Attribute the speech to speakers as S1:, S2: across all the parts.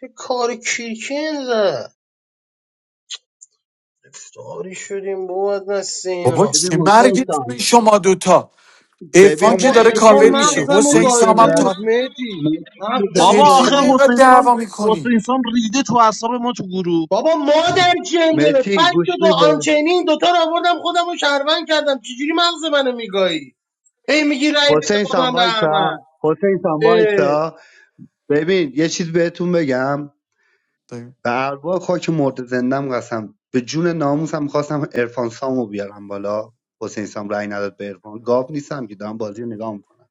S1: چه کار کیرکن زد افتاری شدیم بود نست
S2: بابا
S1: اینا
S3: ببین
S2: چه
S3: حسین
S2: مرگتونه
S3: سان
S2: شما دوتا ارفان
S3: ببین
S2: که
S1: بابا
S2: داره
S3: مهتی
S1: ارفان
S2: کاور میشه
S3: فیروزه
S1: مغزم و
S2: حسین
S3: گوش
S2: سامم
S1: گاییده
S3: بده
S1: بود
S2: تا
S1: مهدی
S3: مهتی
S1: مغزم
S3: فیروزه
S2: چه
S1: و
S3: گوش
S4: بابا
S3: بده
S4: آخه
S2: تیمی
S1: گاییده بود
S2: اینقدر
S4: حسین سام
S2: دعوا میکنی
S4: حسین سام ریده تو اعصاب ما تو گروه
S1: بابا مادر جنده
S3: مهتی
S1: فکت
S3: گوش
S1: و با
S3: بده
S1: آنچنین دوتا رو آوردم خودم رو شهروند کردم چجوری مغز منو میگایی ای میگی رأی بده
S3: حسین
S1: با
S3: سان
S1: من به
S3: وایسا
S1: احمد
S3: حسین سان
S1: اه،
S3: وایسا ببین یه چیز بهتون بگم به ارواح خاک مرد زندم قسم به جون ناموسم خواستم ارفان سامو بیارم بالا حسین سام رای نداد به ارفان گاو نیستم که دارم بازی رو نگاه میکنم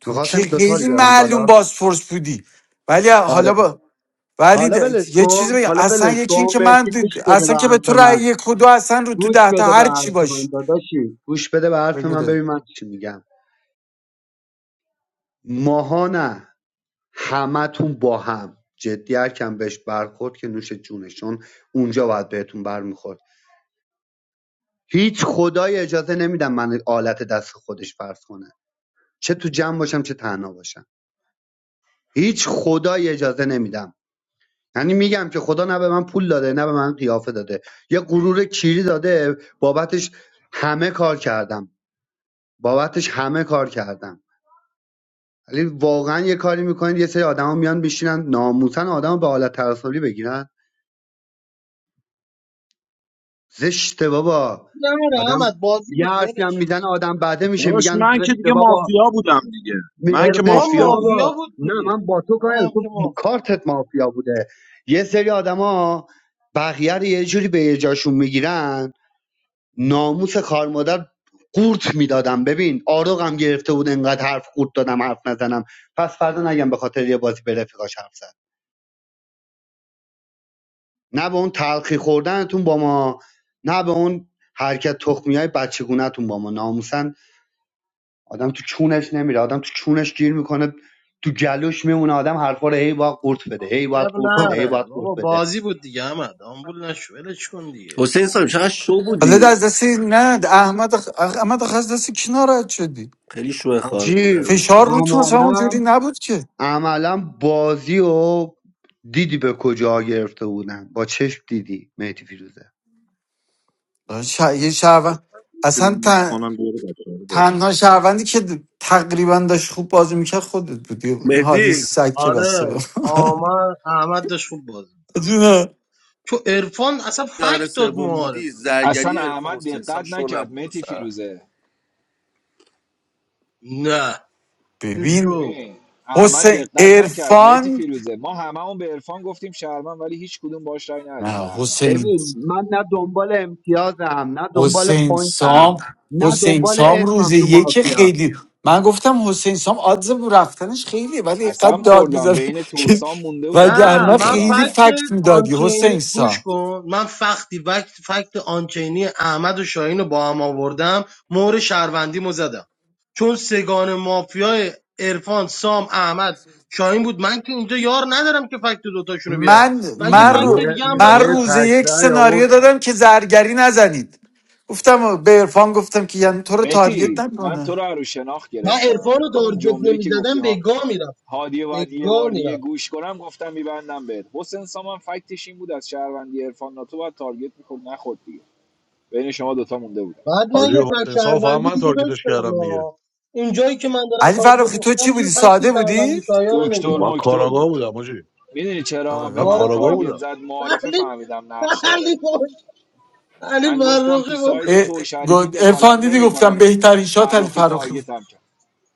S2: تو
S3: میخواستم
S2: که
S3: این دوتا رو
S2: خیلی
S3: بیارم
S2: معلوم
S3: بالا
S2: بازپرس بودی ولی
S3: آره
S2: حالا با ولی
S3: حالا
S2: د-
S3: ولش
S2: یه چیزی
S3: کن
S2: بگم
S3: حالا
S2: اصلا
S3: ولش
S2: یکی این
S3: کن
S2: که من
S3: مهدی گوش
S2: د-
S3: بده
S2: اصلا
S3: به
S2: که به تو
S3: حرف
S2: رأی
S3: من
S2: یک و دو اصلا رو تو
S3: گوش
S2: ده تا
S3: بده به
S2: هر چی
S3: حرف من
S2: باش
S3: داداشی گوش بده به حرف
S2: بگو
S3: من ببین
S2: ده.
S3: من چی میگم ماها نه همتون با هم جدی هر کم بهش برخورد که نوش جونشون اونجا باید بهتون برمیخورد هیچ خدای اجازه نمیدم من آلت دست خودش فرض کنه چه تو جمع باشم چه تنها باشم هیچ خدای اجازه نمیدم یعنی میگم که خدا نه به من پول داده نه به من قیافه داده یه غرور کیری داده بابتش همه کار کردم بابتش همه کار کردم ولی واقعا یه کاری میکنید یه سری آدما میان میشینن ناموسن آدم به حالت تعصبی بگیرن زشته بابا
S1: نه نه
S3: آدم
S1: احمد بازی
S3: یه
S1: بود
S3: حرفی هم
S1: ولش
S3: میزنه آدم بعده میشه
S4: داشت
S3: میگن
S4: من که
S3: زشته
S4: دیگه
S3: بابا
S4: مافیا بودم دیگه من
S3: میگه
S4: که
S1: ارفان
S3: زشته
S4: مافیا بودم
S1: مافیا
S3: بابا
S1: بود
S3: نه
S1: دیگه
S3: من با تو کاری
S1: منم
S3: ندارم. تو
S1: که
S3: م-
S1: مافیا
S3: کارتت مافیا بوده یه سری آدما بقیه رو یه جوری به جاشون میگیرن ناموس خار مادر قورت میدادم ببین آروغم گرفته بود انقدر حرف قورت دادم حرف نزنم پس فردا نگم به خاطر یه بازی به رفیقاش حرف زد نه به اون تلخی خوردنتون با ما نه به اون حرکت تخمی های بچگونتون با ما ناموسن آدم تو چونش نمیره آدم تو چونش گیر میکنه تو جلوش میمونه آدم حرفا رو هی باید قورت بده هی باید
S1: اب
S3: قورت بده هی
S1: نره
S3: باید قورت
S1: بابا
S3: بده
S1: بازی بود دیگه احمد آمبول نشو ولش کن دیگه
S5: حسین سام چقدر شو
S2: حالا ده
S5: بودی
S2: از دست نه احمد آخ- احمد آخه از دست کی ناراحت شدی
S5: خیلی شو خواهر
S3: حاجی
S5: مادر
S2: فشار
S5: بودی
S2: رو تو اصلا اونجوری
S3: عملا
S2: نبود که
S3: عملا بازی و دیدی به کجا گرفته بودن با چشم دیدی مهدی فیروزه
S2: آه، ش... یه شهروند
S4: که میوت
S2: اصلا
S4: کنم بیاره بچه‌ها رو بالا
S2: تنها شهروندی که د- تقریبا داشت خوب بازی میکرد خودت بودی این هادی
S5: مهدی
S2: سگ که بسته به
S1: آره آمد احمد داشت خوب بازی
S2: جونه.
S1: تو عرفان اصلا
S5: یار
S1: فکت داد
S5: سوم بودی
S1: معارفه
S6: اصلا
S5: زرگری عرفان
S6: احمد
S5: حسین سام
S6: دقت
S5: شو
S6: نکرد
S5: نبود
S6: متی
S5: واسه
S6: فیروزه
S1: نه تو
S2: ببین
S1: شو
S6: ببین احمد
S2: حسین
S6: دقت نکرد متی
S2: ارفان
S6: فیروزه ما هممون به عرفان گفتیم شهرمن ولی هیچ کدوم باش رای ندادیم به
S2: نه
S6: احمد
S2: حسین
S3: ببین من نه دنبال امتیازم نه دنبال
S2: حسین
S3: پوینتم
S2: سام
S3: نه
S2: حسین
S3: دنبال
S2: سام روز
S3: اسمم تو
S2: یک
S3: مافیا
S2: خیلی من گفتم حسین سام آدز رفتنش خیلی ولی اینقدر
S6: قسم
S2: داد
S6: خوردم
S2: میزنه
S6: بین
S2: که
S6: توسان مونده
S1: نه
S6: بودم به
S2: وگرنه
S6: کدوم
S1: من
S2: خیلی
S1: فکت
S6: ببندم
S2: فکت میدادی
S1: آنچینی
S2: حسین سام
S1: گوش کن من فکتی فکت, فکت آنچینی احمد و شاهین رو با هم آوردم مهر شهروندی مو زدم چون سگان مافیای عرفان سام احمد شاهین بود من که اینجا یار ندارم که فکت دوتاشون رو بیارم
S2: من
S1: و یه
S2: من,
S1: فکت
S2: رو-
S7: یه
S1: دیگه هم
S2: من
S7: یه
S1: داشتم
S2: روز یک
S7: تکرای
S2: سناریو
S7: آورد
S2: دادم که زرگری نزنید گفتم به عرفان گفتم که یعنی تو رو تارگت
S6: متی من
S2: نکنه
S6: تو رو عروش شناخت
S1: من
S6: گرفتم
S1: عرفان رو
S6: همون
S1: تارگت
S6: جمله‌ای که گفتی
S1: نمیزدم به
S6: ها
S1: گا میرفت
S6: هادی و
S1: به
S6: باید یه
S1: گا
S6: بار
S1: می‌رفت.
S6: دیگه گوش کنم گفتم میبندم بهت حسین سامان فکتش این بود از شهروندی عرفان ناتو باید تارگت میخورد نخورد دیگه بین شما دوتا مونده بود
S1: بعد من
S7: حاجی
S1: یه فکت
S7: حسین صاحب فقط
S1: شهروندی
S7: من
S1: دیگه
S7: تارگتش
S1: داشتم
S7: کردم دیگه
S1: ها اینجایی که من دارم
S2: علی
S1: تارگت
S2: فراخی تو چی
S1: میخورم
S2: بودی
S1: دیگه فکت
S2: ساده بودی
S1: شهروندی شایان رو
S6: دکتر
S7: من
S1: نمیارم
S6: مکتر
S7: کاراگاه
S6: بود
S7: بودم حاجی
S6: میدونی
S2: آره
S6: چرا
S7: نه
S6: به
S2: بود
S6: من
S7: کاراگاه
S1: کاراگاه
S6: تارگت
S7: بودم
S6: زد معارفه
S1: علی
S6: فهمیدم نقش داره
S1: علی بود. علی
S6: من گفتم تو
S1: فرخی بود
S6: ساید
S2: اه،
S6: تو و شریفی
S2: گفت-
S6: دخالت
S2: عرفان دیدی گفتم
S6: نمیکنم
S2: بهترین شات علی
S6: فرخی
S2: فراخی بود
S6: تارگتم کرد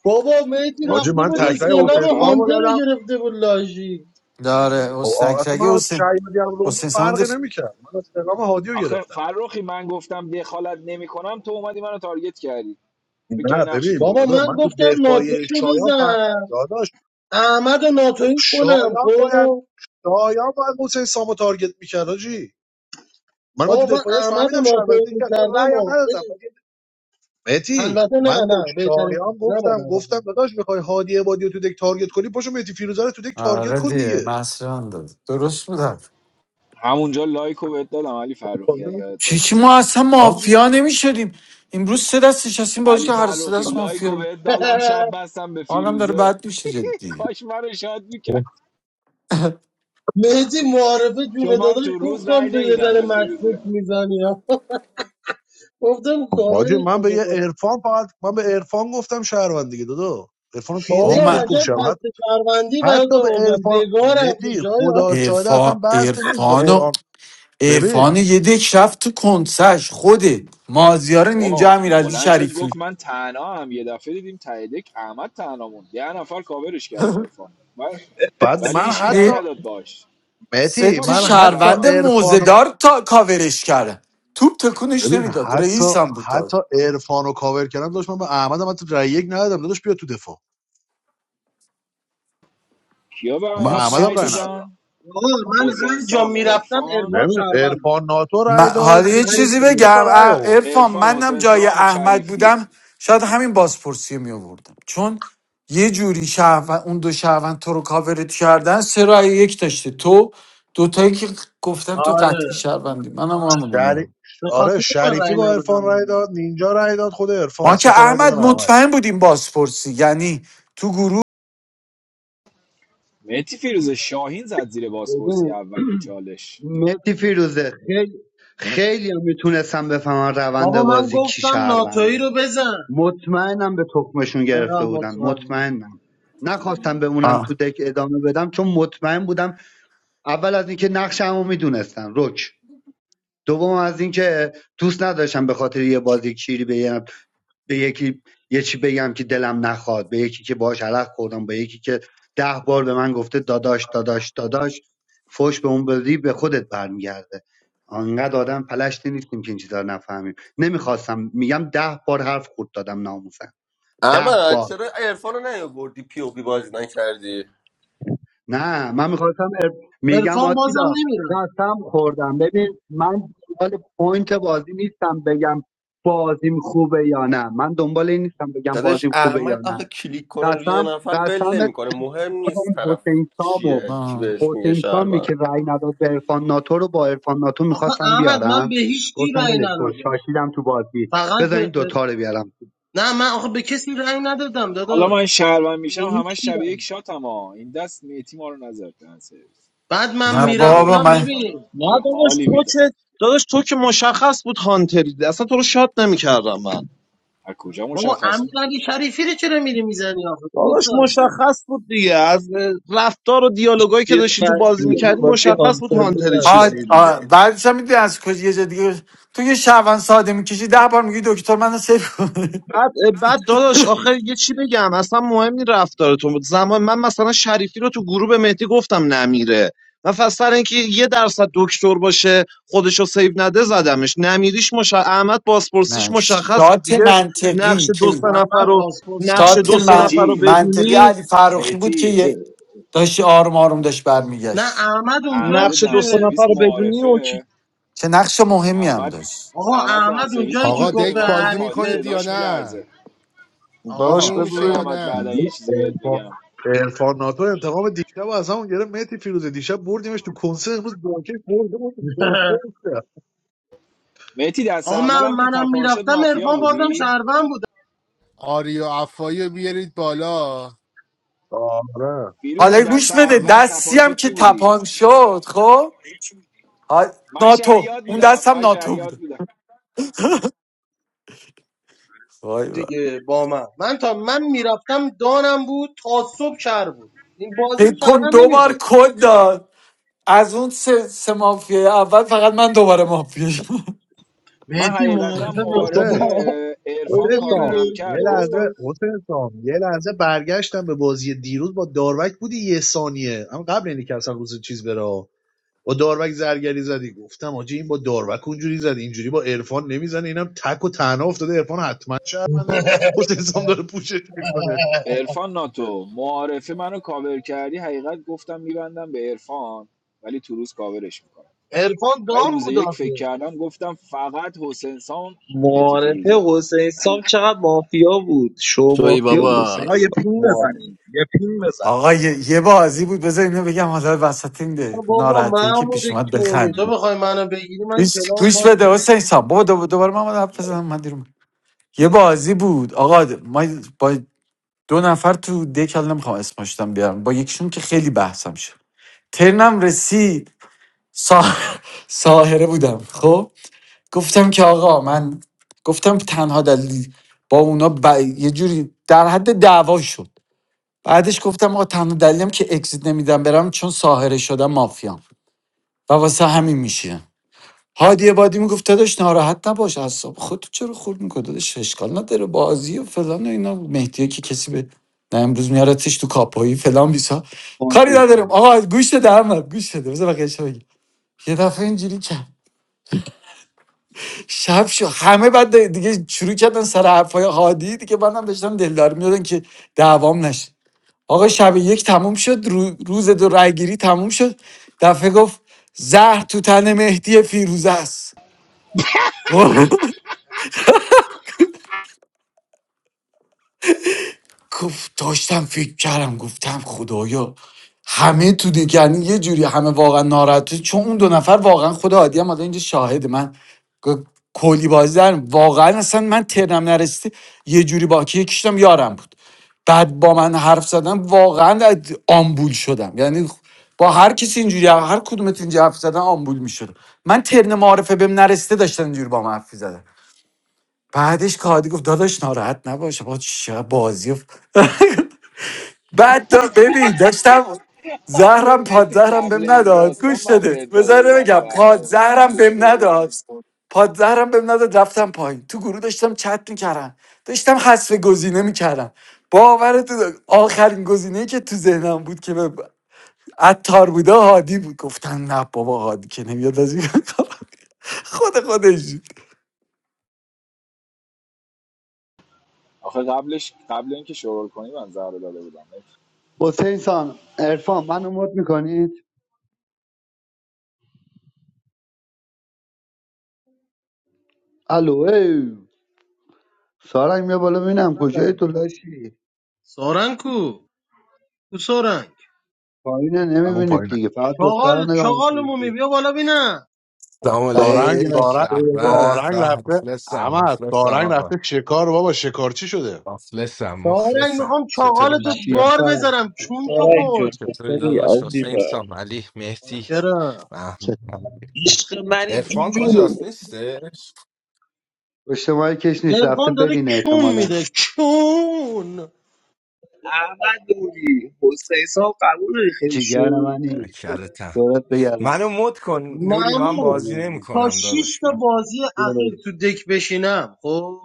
S1: بابا میتی
S7: حاجی
S1: رفته
S7: من
S1: بود
S6: درسته
S7: تکرای
S1: استعلام
S7: حسین صاحب
S6: فرخی
S7: رو
S1: هانتر
S7: دادم
S1: رو گرفته بود لاشی
S2: داره
S7: خب،
S2: حسین
S7: آ- اصلا
S2: اکشگی
S7: من
S2: حسین
S7: شهید گردم بود
S2: حسین سامدی
S7: فرقی
S2: خ-
S7: نمیکرد من استقام هادی رو
S6: آخه
S7: گرفتم
S6: فرخی من گفتم دخالت نمیکنم تو اومدی منو تارگت کردی فکر کردی
S7: نه
S6: نقش تو
S7: ببین
S1: بابا
S6: بلند
S7: دادا
S1: من
S7: من
S6: کردم
S7: تو
S1: گفتم ناتوی
S7: دفاعی
S1: رو
S7: شایان فهم
S1: بزن
S7: داداش
S1: احمد رو ناتوی کنم
S7: شایان باید
S1: خب
S7: شایان باید حسین صاحب رو تارگت میکرد حاجی من من تو
S1: بابا من
S7: دفاعیش
S1: احمد رو
S7: فهمیدم
S1: ناتوی
S7: شهروندی که اصلا
S1: میکردم
S7: رأی هم
S1: و
S7: ندادم مهدی
S1: البته نه
S7: من به
S1: نه بهتره
S7: شایان
S1: نه باید
S7: گفتم
S1: احمد
S7: گفتم داداش میخوای هادی عبادی رو تو دک تارگت کنی پاشو مهدی فیروزه رو تو دک تارگت
S2: آره
S7: کن
S2: دیگه
S7: دیگه
S2: مسران داد درست بودن
S6: همونجا لایکو بهت دادم علی فرخی اگه یادت
S2: چی
S6: باشه
S2: چی ما اصلا
S7: حاجی
S2: مافیا نمیشدیم امروز سه دست نشستیم بازی
S6: علی
S2: که هر سه
S6: فرخی
S2: دست
S6: لایکو
S2: مافیا
S6: بهت دادم
S1: رو.
S6: شب بستم به
S2: حالم داره
S6: فیروزه
S2: بد میشه جدی
S6: کاش منو شاد میکرد
S1: مهدی معارفه جون
S6: چون من
S1: داداش
S6: تو روز
S1: گفتم
S6: رای
S1: تو یه
S6: نمیدم
S1: ذره
S6: به
S1: مشکوک
S6: فیروزه
S1: میزنی ها. گفتم
S7: حاجی،
S1: کاورش
S7: من به
S1: بده
S7: یه
S1: کنم
S7: عرفان فقط من به عرفان گفتم شهروند دیگه دادا عرفانم که یه
S2: با
S7: دیک
S1: شایان
S7: بهش
S2: من
S7: گفت
S1: عجب
S7: شهروند
S1: فکت
S7: حتی,
S1: شهروندی برات
S7: حتی به
S1: آوردم
S7: عرفان
S1: بگاه رفتی
S7: مهدی
S1: شایان
S7: خدا شاهده اصلا
S2: ارفان
S7: بحث نیست به
S2: ارفانو
S7: قرآن ببین
S2: ارفان یه دک رفت تو کنسش خوده مازیار نینجا
S6: بابا
S2: امیرعلی
S6: بلند شد گفت
S2: شریفی
S6: من تنها هم یه دفعه دیدیم ته دک احمد تنها موند ده نفر کاورش کردن عرفان و-
S7: بعد
S6: ولی
S7: من
S6: هیچکی رأی
S7: حتی
S2: سه
S6: نداد باش سه
S2: سه
S7: مهدی
S6: تا
S2: تا
S7: من
S6: رأی آورد
S7: حتی
S2: شهروند
S6: احمد
S7: عرفانو
S2: موزدار تا کاورش کرده توپ تکونش
S7: ببین
S2: نمیداد
S7: حتی
S2: رئیس هم بود کار
S7: حتی عرفانو کاور کردم داشت من به احمدم حتی رای یک ندادم داداش بیا تو دفاع
S6: کیا به
S7: من به
S2: میگم
S6: احمد
S2: سه
S7: احمدم
S6: رأی
S7: رای
S2: تا
S7: ندادم
S6: دادن
S1: آقا من
S6: حسین
S1: هر جا
S6: سام
S1: میرفتم
S6: عرفان
S1: ارفان
S7: نمیدونم
S1: شهروند بود.
S7: عرفان ناتو
S2: من-
S7: رای
S1: من
S2: حالا
S7: داد
S2: یه
S1: هر
S7: یکی
S2: چیزی
S7: دیگه
S1: جا
S7: سه تا
S1: میرفتم
S2: بگم
S7: رای آورد
S2: ارفان
S6: عرفان
S2: منم
S6: حسین
S2: جای
S6: سام
S2: احمد
S6: شریفی
S2: بودم شاید همین بازپرسی می آوردم چون یه جوری شهروند اون دو شهروند تو رو کاورت کردن سه رای یک داشته تو دوتایی که گفتم تو قطعی
S1: آره
S2: شهروندی
S1: آره
S2: منم همونو می
S7: شری...
S2: آوردم.
S1: به
S7: آره
S1: خاطر من رأی
S7: شریفی با عرفان
S1: ندادم
S7: رای داد
S1: می‌دونم.
S7: نینجا رای داد خود عرفان
S2: ما که
S7: سه تا رای
S2: احمد
S7: دادن احمد
S2: مطمئن بودیم بازپرسی یعنی تو گروه
S6: مهدی فیروز شاهین زد زیر بازپرسی
S3: ببین
S6: اولین چالش
S3: مهدی فیروزه خیلی خیلی هم میتونستم بفهمم روند
S1: بابا من
S3: بازی کی
S1: گفتم ناتویی رو
S3: شهرونده
S1: بزن
S3: مطمئنم به تخمشون
S1: من
S3: گرفته
S1: هم
S3: بودن
S1: مطمئنم
S3: مطمئنم نخواستم بمونم تو
S2: آه.
S3: دک ادامه بدم چون مطمئن بودم اول از اینکه نقشمو میدونستم رک دوم از اینکه دوست نداشتم به خاطر یه بازی کیری به یه به یکی یه چی بگم که دلم نخواد به یکی که باهاش علق خوردم به یکی که ده بار به من گفته داداش داداش داداش فوش به اون بدی به خودت برمیگرده انقدر آدم پلشتی نیستیم که این چیزا رو نفهمیم نمیخواستم میگم ده بار حرف خورد دادم ناموسن ده
S5: احمد
S3: بار
S5: چرا عرفان رو نیاوردی پی او پی بازی نکردی
S3: نه من میخواستم ار... میگم
S1: عرفان بازم
S3: آتیلا
S1: نمیرم
S3: قسم خوردم ببین من دنبال پوینت بازی نیستم بگم بازیم خوبه یا نه من دنبال این نیستم بگم
S5: داداش
S3: بازیم خوبه یا
S5: احمد
S3: نه
S5: آخه کلیک کنه روی
S3: قسم
S5: یه نفر ول
S3: قسم
S5: نمیکنه مهم
S3: خود
S5: نیست
S3: اون
S5: طرف
S3: حسین سام و
S5: چیه کی
S2: آه.
S5: بهش میگه
S3: حسین سامی
S5: شهروند
S3: که رأی نداد به عرفان ناتو رو با عرفان ناتو
S1: آخه
S3: میخواستم
S1: احمد من
S3: بیارم
S1: به هیچ کی
S3: گفتم
S1: رأی
S3: ولش کن
S1: ندادم
S3: شاشیدم تو بازی
S1: فقط به
S3: بذار این دوتا رو بیارم
S1: نه من آخه به کسی رأی ندادم
S6: حالا من
S1: داداش
S6: شهروند
S1: به
S6: میشم
S1: هیچ
S6: همش
S1: کی رأی
S6: شبیه یک
S1: ندادم.
S6: شاتم ها این دست مهدی ما رو نزد دهن سرویس
S1: بعد من
S2: نه
S6: میزد
S2: بابا
S1: میرفتم
S6: میبردمش
S2: من
S6: پایین
S1: ببین
S4: نه
S6: چه
S4: داداش
S6: حالی
S4: تو
S6: میداد
S4: که داداش تو که مشخص بود هانتری اصلا تو رو شاد نمیکردم من
S6: از کجا
S1: بابا
S6: مشخص
S1: امیر
S6: بود
S1: شریفی رو چرا میری میزنی آخه
S4: داداش
S1: گوزم
S4: مشخص بود دیگه از رفتار و دیالوگایی که
S8: Dear
S4: داشتی تو
S8: friend,
S4: بازی
S8: you
S4: میکردی
S8: must be
S4: مشخص
S8: on
S4: بود
S8: fire.
S4: هانتری
S2: ها
S4: چیزی دیگه
S2: آه. بعدش هم میدونی از کجا یه جا دیگه تو یه شهروند ساده میکشی ده بار میگی دکتر منو سیف کن.
S4: بعد بعد داداش آخر یه چی بگم اصلا مهم نی رفتارتون بود. زمان من مثلا شریفی رو تو گروه به مهدی گفتم نمیره من فقط سر اینکه یه درصد دکتر باشه خودشو سیو نده زدمش نمیریش مش... احمد بازپرسیش
S2: نه
S4: مشخص بود
S2: شات
S4: دیگه
S2: منطقی
S4: نقش دو
S2: که
S4: سه نفر
S1: احمد
S4: رو
S1: بازپرس
S4: نقش
S2: شات
S4: دو
S1: داره
S4: سه
S2: من...
S4: نفر رو
S6: آجی
S2: منطقی
S4: بدونی
S2: علی فراخی بود که
S6: میتی
S2: یه- داشت آروم آروم داشت
S1: نه
S2: برمیگشت
S1: احمد اونجایی
S6: احمد
S4: نقش دو سه
S1: که
S4: نفر
S6: دنسرویس
S4: رو بدونی و کی-
S6: معارفه
S2: چه نقش مهمی هم
S6: احمد
S2: داشت
S1: آقا
S6: احمد
S1: احمد
S6: دنسرویس
S1: اونجایی که
S9: آقا
S6: معارفه
S1: گفت
S6: به
S9: دک
S1: به
S6: من
S1: هر
S9: بازی
S6: گفت هادی
S1: به-
S9: میکنید یا
S6: صداش
S9: نه
S6: میلرزه
S4: داداش
S1: آقا
S9: بازیمون
S4: بذار
S9: میشه
S6: گفتم
S9: یا
S4: ببینیم.
S6: احمد بعدا
S9: نه
S6: یه چیزی بهت
S7: عرفان
S6: میگم
S7: عرفان ناتو انتقام دیشب و از همون گرفت مهدی فیروزه دیشب بردیمش تو کنسه امروز باکش برده بود تو کنسه افته.
S6: میتی دست
S1: آقا من
S6: اولم که
S1: منم
S6: تپان شد
S1: میرفتم
S6: مافیا
S1: عرفان بازم
S6: بودی
S1: شهروند بود
S9: آری و افایی رو بیارید بالا
S7: آره
S6: فیروز
S2: حالا
S6: دست
S2: گوش بده
S6: اول
S2: دستی
S6: تپان
S2: هم
S6: شد
S2: که
S6: چی بودی
S2: تپان شد خب ها-
S6: من
S2: ناتو
S6: شعیات
S2: اون
S6: بودم
S2: دست هم
S6: من
S2: ناتو
S6: شعیات
S2: بود
S6: بودم
S2: وای وای
S1: دیگه با من من تا من میرفتم دانم بود تا صبح شهر بود این بازی
S2: فکر
S1: به
S2: کن
S1: شهروند
S2: دو بار
S1: نمیبود
S2: کد داد از اون سه, سه مافیه اول فقط من دوباره مافیه شدم.
S6: من
S1: مهدی
S6: حقیقتا
S1: معرفه به
S7: حسین
S1: خدا
S6: معارفه عرفان
S1: بازم
S7: حسین
S1: این
S7: سام
S6: کاورم
S1: لرژی
S7: یه
S6: کرد
S7: لحظه
S6: گفتم
S1: دارم
S7: حسین سام یه لحظه برگشتم به بازی دیروز با داروک بودی یه ثانیه اما قبل اینی که اصلا روز چیز بره با داروک زرگری زدی گفتم آجی این با داروک اونجوری زد اینجوری با عرفان نمیزنه اینم تک و تنها افتاده عرفان حتما شرمنده حسین سام داره پوشش میکنه
S6: عرفان ناتو معارفه منو کاور کردی حقیقت گفتم میبندم به عرفان ولی تو روز کاورش میکنم
S1: ارفان
S6: ولی
S1: دام
S6: روز
S1: بود
S6: یک فکر
S1: آخه
S6: کردم گفتم فقط حسین سام
S8: My
S6: مهدی
S8: love
S6: فیروزه
S8: for Saeed Samchab was real. Show me
S5: شوی
S8: your
S5: بابا
S8: Saeed
S4: آقا یه
S8: Sam.
S4: پین
S8: My,
S4: بزنید یه پین بزنید
S2: آقا یه, یه بازی بود بذار اینو بگم حالا وسط
S1: اصلا
S2: این
S1: بابا
S2: ناراحتی که
S1: محمود
S2: پیش اومد
S1: کونی
S2: بخند
S1: تو بخوای منو بگیری من
S2: گوش
S1: کلام
S2: گوش
S1: پاک
S2: بده حسین سام بابا دو- دوباره من باید حرف بزنم من دیر اومد. یه بازی بود آقا ما با دو نفر تو دکل نمیخوام اسمشتم بیارم با یکیشون که خیلی بحثم شد ترنم رسید سا... ساهره بودم خب گفتم که آقا من گفتم تنها دلیل با اونا ب... یه جوری در حد دعوا شد بعدش گفتم آقا تنها دلیلم که اکسید نمیدم برم چون ساهره شدم مافیام و واسه همین میشه هادی عبادی میگفت داداش ناراحت نباش اعصاب خودت چرا خورد میکنه داداش اشکال نداره بازی و فلان و اینا مهدیه که کسی به نه امروز میارتش تو کاپایی فلان بیسا
S3: با
S2: کاری
S3: حسین
S2: ندارم
S3: سام
S2: آقا گوش بده احمد گوش بده بذار بقیه بگی یه دفعه اینجوری کرد شب شو همه بعد دیگه شروع کردن سر حرفای هادی دیگه منم داشتم دلدار میدادن که دعوام نشه آقا شب یک تموم شد رو- روز دو رای گیری تموم شد دفعه گفت زهر تو تن مهدی فیروزه است گفت داشتم فکر کردم گفتم خدایا همه تو دی- یعنی یه جوری همه واقعا ناراحته چون اون دو نفر واقعا خدا عادی هم حالا اینجا شاهده من گ- کلی بازی دارم واقعا اصلا من ترنم نرسیده یه جوری با که یکیشتم یارم بود بعد با من حرف زدم واقعا از- آمبول شدم یعنی با هر کسی اینجوری هر کدومت اینجا حرف زدن آمبول میشدم من ترن معارفه بهم نرسیده داشتن اینجوری با من حرف زدن بعدش کادی گفت داداش ناراحت نباش با چه بازی بعد دا ببین داشتم
S6: آخه
S2: زهرم پاد
S6: مهدی
S2: زهرم
S6: قبل
S2: بهم
S6: این
S2: نداد
S6: داستان
S2: گوش
S6: من
S2: داده
S6: بهت داده
S2: بذاره
S6: بودم
S2: بگم
S6: زهر
S2: پاد
S6: رو
S2: زهرم
S6: قبل
S2: بهم
S6: شروع
S2: نداد پاد زهرم بهم نداد رفتم پایین تو گروه داشتم چت میکردم داشتم حذف گزینه میکردم باور تو آخرین گزینه که تو ذهنم بود که به عطار بوده هادی بود گفتن نه بابا هادی که نمیاد از این کار. خود خودش
S6: آخه قبلش قبل اینکه شروع کنی من زهر رو داده بودم
S3: حسین سام عرفان من امود میکنید الو ای سارنگ بیا بالا ببینم کجای تو
S1: میکنم
S3: لاشی
S1: سارنگ کو کو سارنگ
S3: پایینه
S7: همون
S3: نمیبینید
S7: پایینه
S3: دیگه فقط دختر رو
S1: چاقال
S3: نگاه میکنید
S1: چاقالمو می
S3: دیگه
S1: بیا بالا بینم
S10: سلام
S3: سلام
S7: سارنگ
S10: علیک
S3: جیگر
S10: به
S7: سارنگ
S3: چطوری
S10: به
S3: داداش
S7: سارنگ
S10: به.
S7: رفته
S10: مخلصم
S7: اما
S10: مخلصم
S7: سارنگ
S10: آقا
S7: رفته شکار بابا شکارچی شده
S10: مخلصم
S1: سارنگ
S10: مخلصم
S1: میخوام
S10: چطوری
S1: چاقالتو
S3: شیر
S10: بچه
S1: بار
S3: شب
S1: بذارم چون تو
S8: where are
S1: پر
S8: you going?
S10: چطوری
S8: Sorry,
S10: داداش حسین
S8: Aziba.
S10: سام علی مهدی
S1: کرم
S10: فهم
S8: Love me,
S10: ارفان
S8: Jujub.
S10: کجاست نیستش
S3: پشت ماه کش نیست رفته
S1: ارفان داره
S3: برینه
S1: کون
S3: احتمالا
S1: میده کون
S8: I'm in love with Saeed Sam. I'm in love with
S3: جیگر
S8: him.
S3: منی
S10: کرتم
S3: دورت بگردم
S10: منو مد کن نوری من
S1: ممنون
S10: بازی
S1: تا
S10: نمیکنم
S1: شیش
S10: داداش
S1: تا
S10: من
S1: بازی اخیر تو دک بشینم خب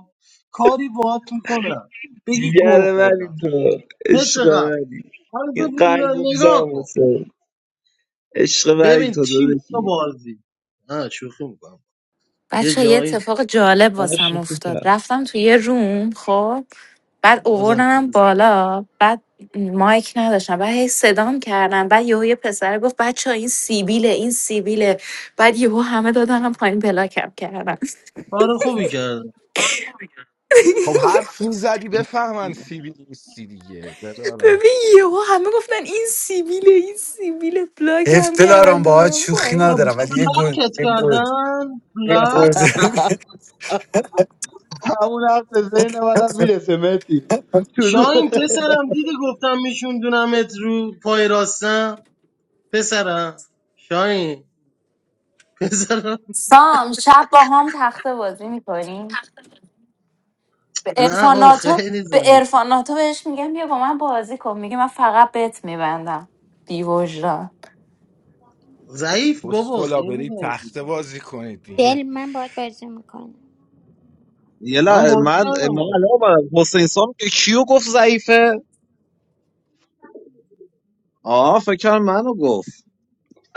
S1: کاری باهات میکنم بگی گو
S8: I'm in love
S1: خوردم
S8: with him. This
S1: مثل قبل
S8: heart is for
S1: حالا
S8: you.
S1: ببین،
S8: I'm in
S1: نگاه
S8: love
S1: کن ببین شیش
S8: with you.
S1: تا بازی نه شوخی میکنم یه
S11: بچه یه
S1: جایی
S11: اتفاق جالب واسم
S8: Thank you.
S11: افتاد رفتم تو یه روم خب بعد
S1: بازم
S11: اووردنم
S1: شروع شد.
S11: بالا بعد مایک نداشتم بعد هی صدام کردن بعد یهو یه پسر گفت بچه این سیبیله این سیبیله بعد یهو همه دادنم پایین بلاکم کردن
S1: کار خوبی کردم
S10: خب حرف میزدی بفهمن سیبی نیستی دیگه برارم
S11: ببین یهو همه گفتن این سیبیله این سیبیله بلاکم کردن
S2: افتلارم با
S11: دادم
S2: شوخی
S1: تا
S11: پایین
S2: ندارم ولی یه گل
S1: بلاکت
S2: یه گل
S1: کردن
S2: یه
S1: بلاک
S2: گزینه.
S3: همون حرف به ذهن منم میرسه متی
S1: شاین
S3: طلوعه
S1: پسرم دیدی گفتم میشوندونمت رو پای راستم پسرم شاین پسرم
S11: سام شب با هم تخته بازی میکنیم به
S1: نه بابا
S11: ارفاناتو
S1: خیلی
S11: به
S1: زنگ
S11: ارفاناتو بهش میگم بیا با من بازی کن میگه من فقط بت میبندم بی وجدان
S1: ضعیف بابا
S10: کسخلا
S1: خیلی
S10: برید
S1: ضعیف
S10: تخته
S1: بودم
S10: بازی کنید
S12: Tell
S10: دیگه
S12: me about some fun.
S4: یه
S1: من بازی
S4: من
S1: کردم
S4: من
S1: بازی
S4: الان اومدم. حسین سام که کیو گفت ضعیفه آه فکر کردم منو گفت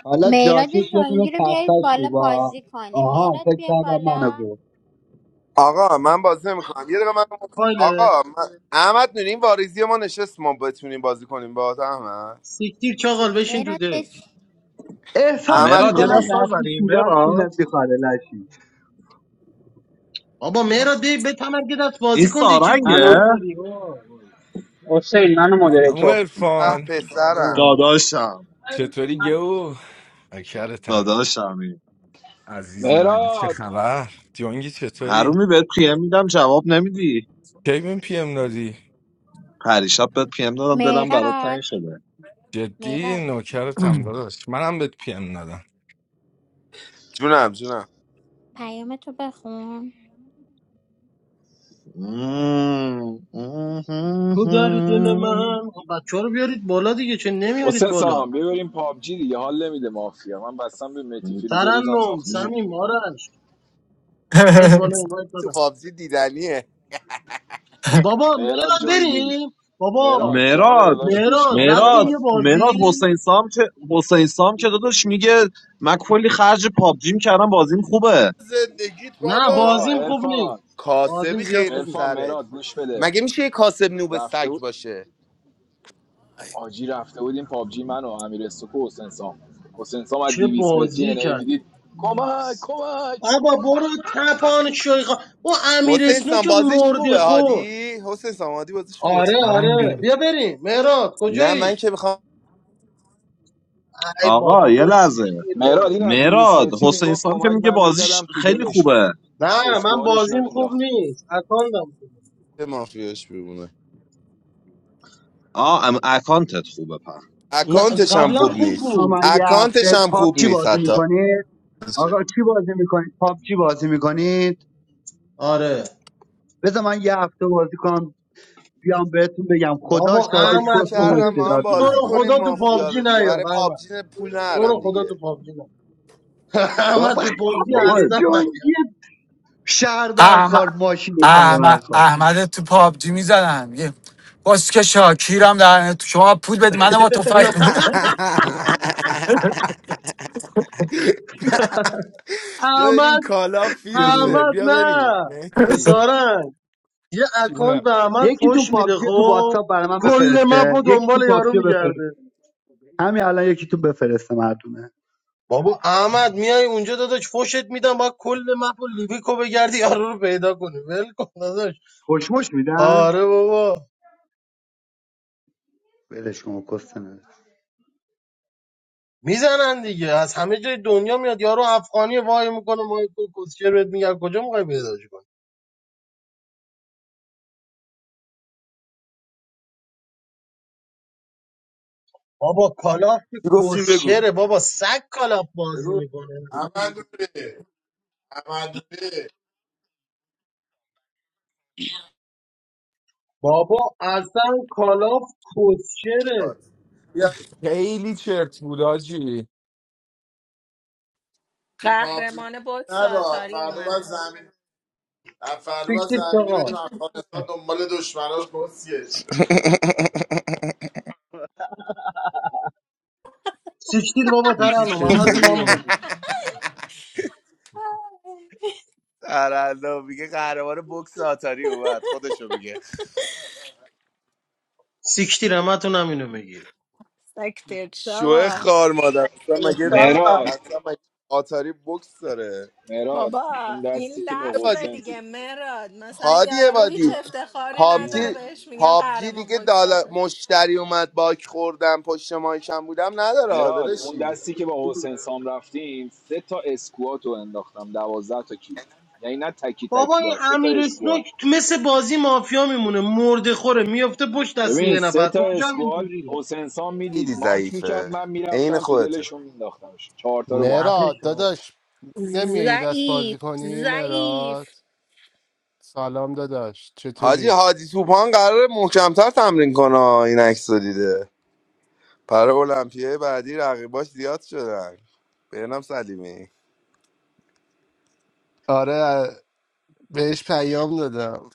S3: حالا
S12: My dad's
S3: جاکش یه دونه
S12: younger
S3: تختش خوبه
S12: brother is
S3: ها.
S12: very funny. My
S3: آها
S12: dad
S3: فکر کردم منو گفت
S13: آقا من بازی نمیکنم یه دقیقه من
S1: فایل
S13: آقا من... احمد نوری این واریزی ما نشست ما بتونیم بازی کنیم با احمد
S1: سیکتیر چاقال بشین تو دک
S12: is
S3: احساس
S13: احمد
S4: مراد یه
S3: میکنم
S13: نوری
S4: دست
S3: رفتی
S4: نزنیم
S3: شیراز
S4: مراد
S3: شونت بیخاره لشی
S1: بابا مهرا دی به تمرگ دست
S4: این
S1: بازی کن دی چه گویی
S4: سارنگه
S14: Nano
S1: میخوری بابا بابا.
S14: Hossain, nano
S10: همون
S14: moderators.
S13: اه
S10: ارفان
S13: پسرم
S4: داداشم
S10: چطوری گو کرتم
S4: داداشمی این
S10: عزیز من چه
S6: مهراد
S10: خبر جونگی چطوری
S4: حرومی بهت پیم میدم جواب نمیدی
S10: کی بهم پی ام دادی
S4: پریشب بهت پیم دادم
S12: my
S4: دلم برات
S12: dad.
S4: تنگ شده
S12: My dad.
S10: جدی نوکرتم داداش منم بهت پی ام دادم
S13: جونم جونم
S12: Payam, do you want to play?
S1: تو در دل من بچه رو بیارید بالا دیگه چه نمیارید
S6: حسین
S1: بالا
S6: سام ببریم پابجی دیگه حال نمیده مافیا من بستم به مهدی فیروزه روزم
S1: ترنم
S6: ساخته شد
S1: سمیم آرش باید بالا باید
S13: تو
S1: دادم
S13: پابجی دیدنیه
S1: بابا
S6: مهراد
S1: مهرا
S6: جنگی
S1: بریم بابا
S6: مهراد جان
S4: مراد
S6: داداش گوش
S1: مهرا
S6: کن
S4: مراد
S1: رفتیم
S6: مهراد
S1: یه
S4: مراد
S1: بازی
S4: حسین سام که حسین سام که داداش میگه من کلی خرج پابجیم کردم بازیم خوبه
S13: زندگیت
S1: نه
S6: بابا
S13: بابا
S1: بازیم خوب
S6: عرفان
S1: نیست بازیم
S13: کاسبی
S1: زیاد
S13: خیر
S1: خوب
S6: عرفان
S1: نیست
S13: سرت
S6: مهراد گوش بده
S13: مگه میشه یه کاسب نوب
S6: رفته بود
S13: سگ باشه
S6: آجی رفته بودیم پابجی من و امیر استوکو و حسین سام حسین سام از
S1: چه
S6: 200 متری
S1: بازی
S6: انهی
S1: کردیم
S6: میدید کمک کمک
S1: بابا برو تپان شویخا او امیر
S13: حسین
S1: اسنو
S13: سان
S1: که
S13: بازیش
S1: مرده
S13: خوبه
S1: خور
S13: هادی حسین سان هادی بازیش خوبه
S1: آره آره بیا بریم مهراد
S13: نه
S1: کجایی
S13: من که میخوام
S1: ای
S4: آقا
S1: بابا
S4: یه
S1: برو
S4: لحظه
S1: سیکتیر
S6: مهراد
S1: بابا
S6: این از 200
S4: مراد
S6: متری
S4: حسین
S6: میگفت
S4: سام که
S6: کمک
S4: میگه
S6: من
S4: بازیش
S6: میزدم تو
S4: خیلی
S6: دلشون
S4: خوبه
S1: نه من
S6: اسکوادشون رو
S1: بازیم خوب
S6: مینداخت
S1: نیست اکاندم خوبه.
S13: به مافیاش بمونه
S4: آه ام اکانتت خوبه په
S1: نه
S13: اکانتش هم
S1: قبلا
S13: خوب
S1: خوب
S13: نیست
S3: ما
S1: بود
S3: من یه هفته
S13: اکانتش هم خوب
S3: پابجی
S13: نیست
S3: بازی
S13: حتی
S3: میکنید آقا چی بازی میکنید پابجی بازی میکنید
S1: آره
S3: بذار من یه هفته بازی کنم بیام بهتون بگم خدا
S1: بابا
S3: شاده
S13: پاریزی
S1: احمد
S3: چست و
S13: کردم با هم
S3: استعداد
S1: تو
S13: بازی
S1: رو
S3: نداری
S13: کنیم
S1: خدا تو
S13: مافیا
S1: پابجی
S13: رو دیگه
S1: نیا
S13: برای
S1: احمد
S13: پابجی پول
S1: تو رو
S13: نرم
S1: خدا
S13: دیگه
S1: تو پابجی نیا احمد
S3: بابا
S1: تو پابجی
S4: آقا
S3: خفش
S1: اصلا نیا
S3: جنگی
S2: احمد
S3: شهربندخوار ماشین
S2: احمد
S3: شهربندخوار
S2: احمد تو پابجی میزنن یه باسکه شاکیرم در تو شما پول بدی منو با تفنگ
S10: بیا بریم
S1: احمد
S10: کالا فیروزه
S1: احمد
S10: بیا بریم
S1: نه
S10: مهدی
S1: اسارنگ یه
S10: چی
S1: اکانت
S10: نه؟
S1: به احمد
S3: یکی تو
S1: فوش میده
S3: پابجی تو
S1: خب
S3: واتساپ برای من
S1: کل مپ و
S3: بفرسته یکی
S1: دنبال
S3: تو
S1: یارو
S3: پابجی بفرسته
S1: میگرده
S3: همین الان یکی تو بفرسته مردونه
S1: بابا احمد میای اونجا داداش فوشت میدم باید کل مپ و لیبیکو بگردی یارو رو پیدا کنی ول کن داداش
S3: خوشمش میدن
S1: آره بابا
S3: ولش کن کست نداره.
S1: میزنن دیگه از همه جای دنیا میاد یارو افغانی وای میکنه ما کوسچر بهت میگن کجا میخوای پیداش کنی بابا کالاف که
S13: چی گفتی بگو
S1: کوسچره بابا سگ کالاف بازی
S13: بگو
S1: میکنه
S13: اول رو
S1: بابا اصلا کالاف کوسچره
S13: بیا
S10: خیلی چرت بود آجی
S13: پابجی
S15: قهرمان بود
S13: نبین
S15: ساتاری اومد.
S13: فردا
S1: فکر
S13: زمینی
S1: چقا
S13: بریم افغانستان دنبال دشمناش بسیه
S1: سیکتیر بابا
S10: چی
S1: ترنم همتون
S10: چطوری
S1: همونو بودی
S13: سرالو میگه قهرمان بکس آتاری اومد خودشو میگه
S1: سیکتیر همتون همینو میگی
S15: Like this,
S13: شوه
S15: Shah
S13: خار مادر اصلا مگه
S6: مهراد
S13: اصلا مگه آتاری بکس داره
S6: مهراد
S15: Baba.
S6: اون
S15: This
S6: دستی که با
S15: word
S6: حسین
S15: is like mine. For
S13: هادی
S15: example, Ruhi
S13: عبادی
S15: Cheftekhari doesn't
S6: جون
S13: پابجی
S15: have it. They say
S13: پابجی
S15: I'm a
S13: دیگه دالا مشتری اومد باک خوردم پشت مایکم بودم نداره ها
S6: مهراد اون
S13: داداشی
S6: دستی که با حسین سام رفتیم سه تا اسکوات رو انداختم 12 تا کی یعنی نه تکی
S1: بابا
S6: تکی
S1: این
S6: ها سه تا
S1: امیر
S6: اسکوات
S1: اسنوک تو مثل بازی مافیا میمونه مرده خوره میفته پشت دست
S6: ببین
S1: یه
S6: سه
S1: نفر
S6: تا
S1: اونجا هم
S6: اسکواد
S1: اینجوریه
S6: حسین سام میدید
S13: خیلی
S6: مارک میکرد
S13: ضعیفه
S6: من
S13: عین
S6: میرفتم تو
S13: خودته
S6: دلشون مینداختمش چهار تا رو با هم
S1: خفه
S9: مراد
S1: شو.
S9: داداش نمیایی دست
S15: weak,
S9: بازی کنی
S15: weak
S9: مراد سلام داداش
S13: حاجی
S9: چطوری
S13: حاجی توپان قرار محکمتر تمرین کنه ها، این عکس رو دیده پر المپیای بعدی رقیباش زیاد شدن بهنام سلیمی
S9: آره بهش پیام دادم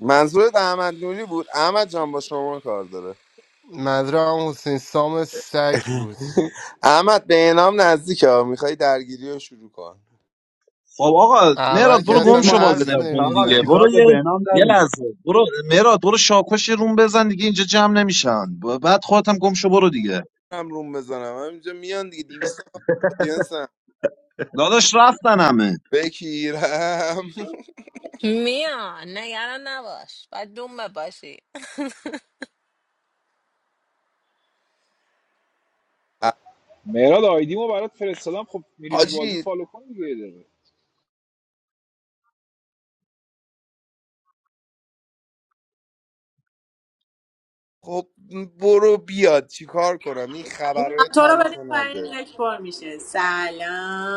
S13: منظورت احمد نوری بود احمد جان با شما کار داره
S9: مدرم حسین سام سگ بود
S13: احمد به نزدیک ها میخوای درگیری رو شروع کن
S4: خب آقا
S9: اول
S4: مراد
S9: که
S4: برو گم
S3: خودت
S9: اصلا
S4: شو
S3: مایه
S4: بازی
S9: حرف
S3: بذار
S4: نمیکنی
S3: چاقال
S4: دیگه
S9: نمیزنه
S3: چیکار
S4: برو
S3: به
S4: یه
S3: بهنام
S4: یه
S3: داری
S4: لحظه برو مراد برو شاکش روم بزن دیگه اینجا جمع نمیشن ب- بعد خودت هم گم شو برو دیگه
S13: هم روم بزنم هم اینجا میان دیگه جنسم
S4: داداش رفتن همه
S13: بکیرم
S15: man. No, it's not. I'm not. I'm dumb. I'm
S6: مهراد آیدیمو برات فرستادم خب میری تو بازی
S13: حاجی
S6: فالو کن دیگه یه دقیقه
S13: خب برو بیاد چیکار کنم این خبرهای
S16: تو رو
S13: تلخ
S16: بریم
S13: رو
S16: پایین
S13: نده
S16: لک پر میشه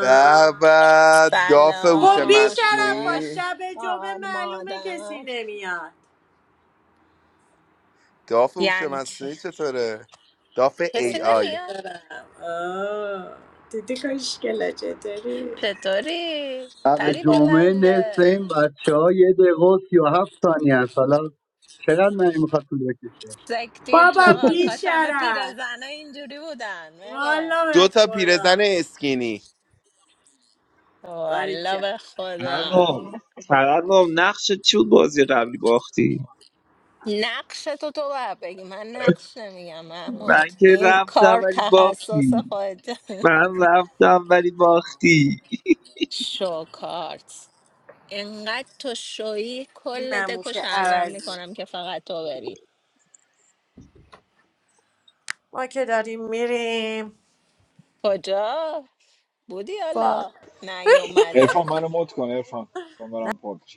S13: به به داف هوش
S16: خب بی شرفا
S13: مصنوعی
S15: stupid.
S16: شب جمعه معلومه
S15: Mother.
S16: کسی
S15: What
S16: نمیاد
S13: داف
S15: does
S13: هوش
S15: it mean?
S13: مصنوعی چطوره داف
S15: It's
S13: ای
S16: قربونتون
S13: آی
S15: cinema.
S16: برم آه، دیدی کشکلا چطوری
S15: The story.
S3: شب
S15: Very
S16: دیگه.
S3: جمعه
S15: tall.
S3: نصف این بچه ها یه دقیقه و سی و هفت ثانیه هست حالا چقدر من میخواد طول بکشه
S15: Zakat,
S16: بابا
S15: all.
S16: بی
S15: Kasha hamafir
S16: شرف
S15: azana injuriyoodan. Mera.
S16: والا به
S13: دو تا پیرزن
S16: خدا
S13: اسکینی
S15: Walla
S16: باریکلا
S15: bar
S8: Now,
S15: Khoda.
S8: now, now. What did you do with your first love?
S15: Nakshe to tova beki. Man nakshe miya Mahmud.
S8: I came to
S15: In
S8: the
S15: cards ha sosa
S8: party.
S15: kote.
S8: I came to the party.
S15: Show cards. In gad to showy
S16: این
S15: kholete
S16: نموشه
S15: kusharmamne
S16: عوضی
S15: karam ke faghat ovari.
S16: ما که داریم میریم
S15: Kuda? Budi
S16: با
S15: Allah. Nai o mad.
S6: عرفان منو مد کن عرفان کامرام پاک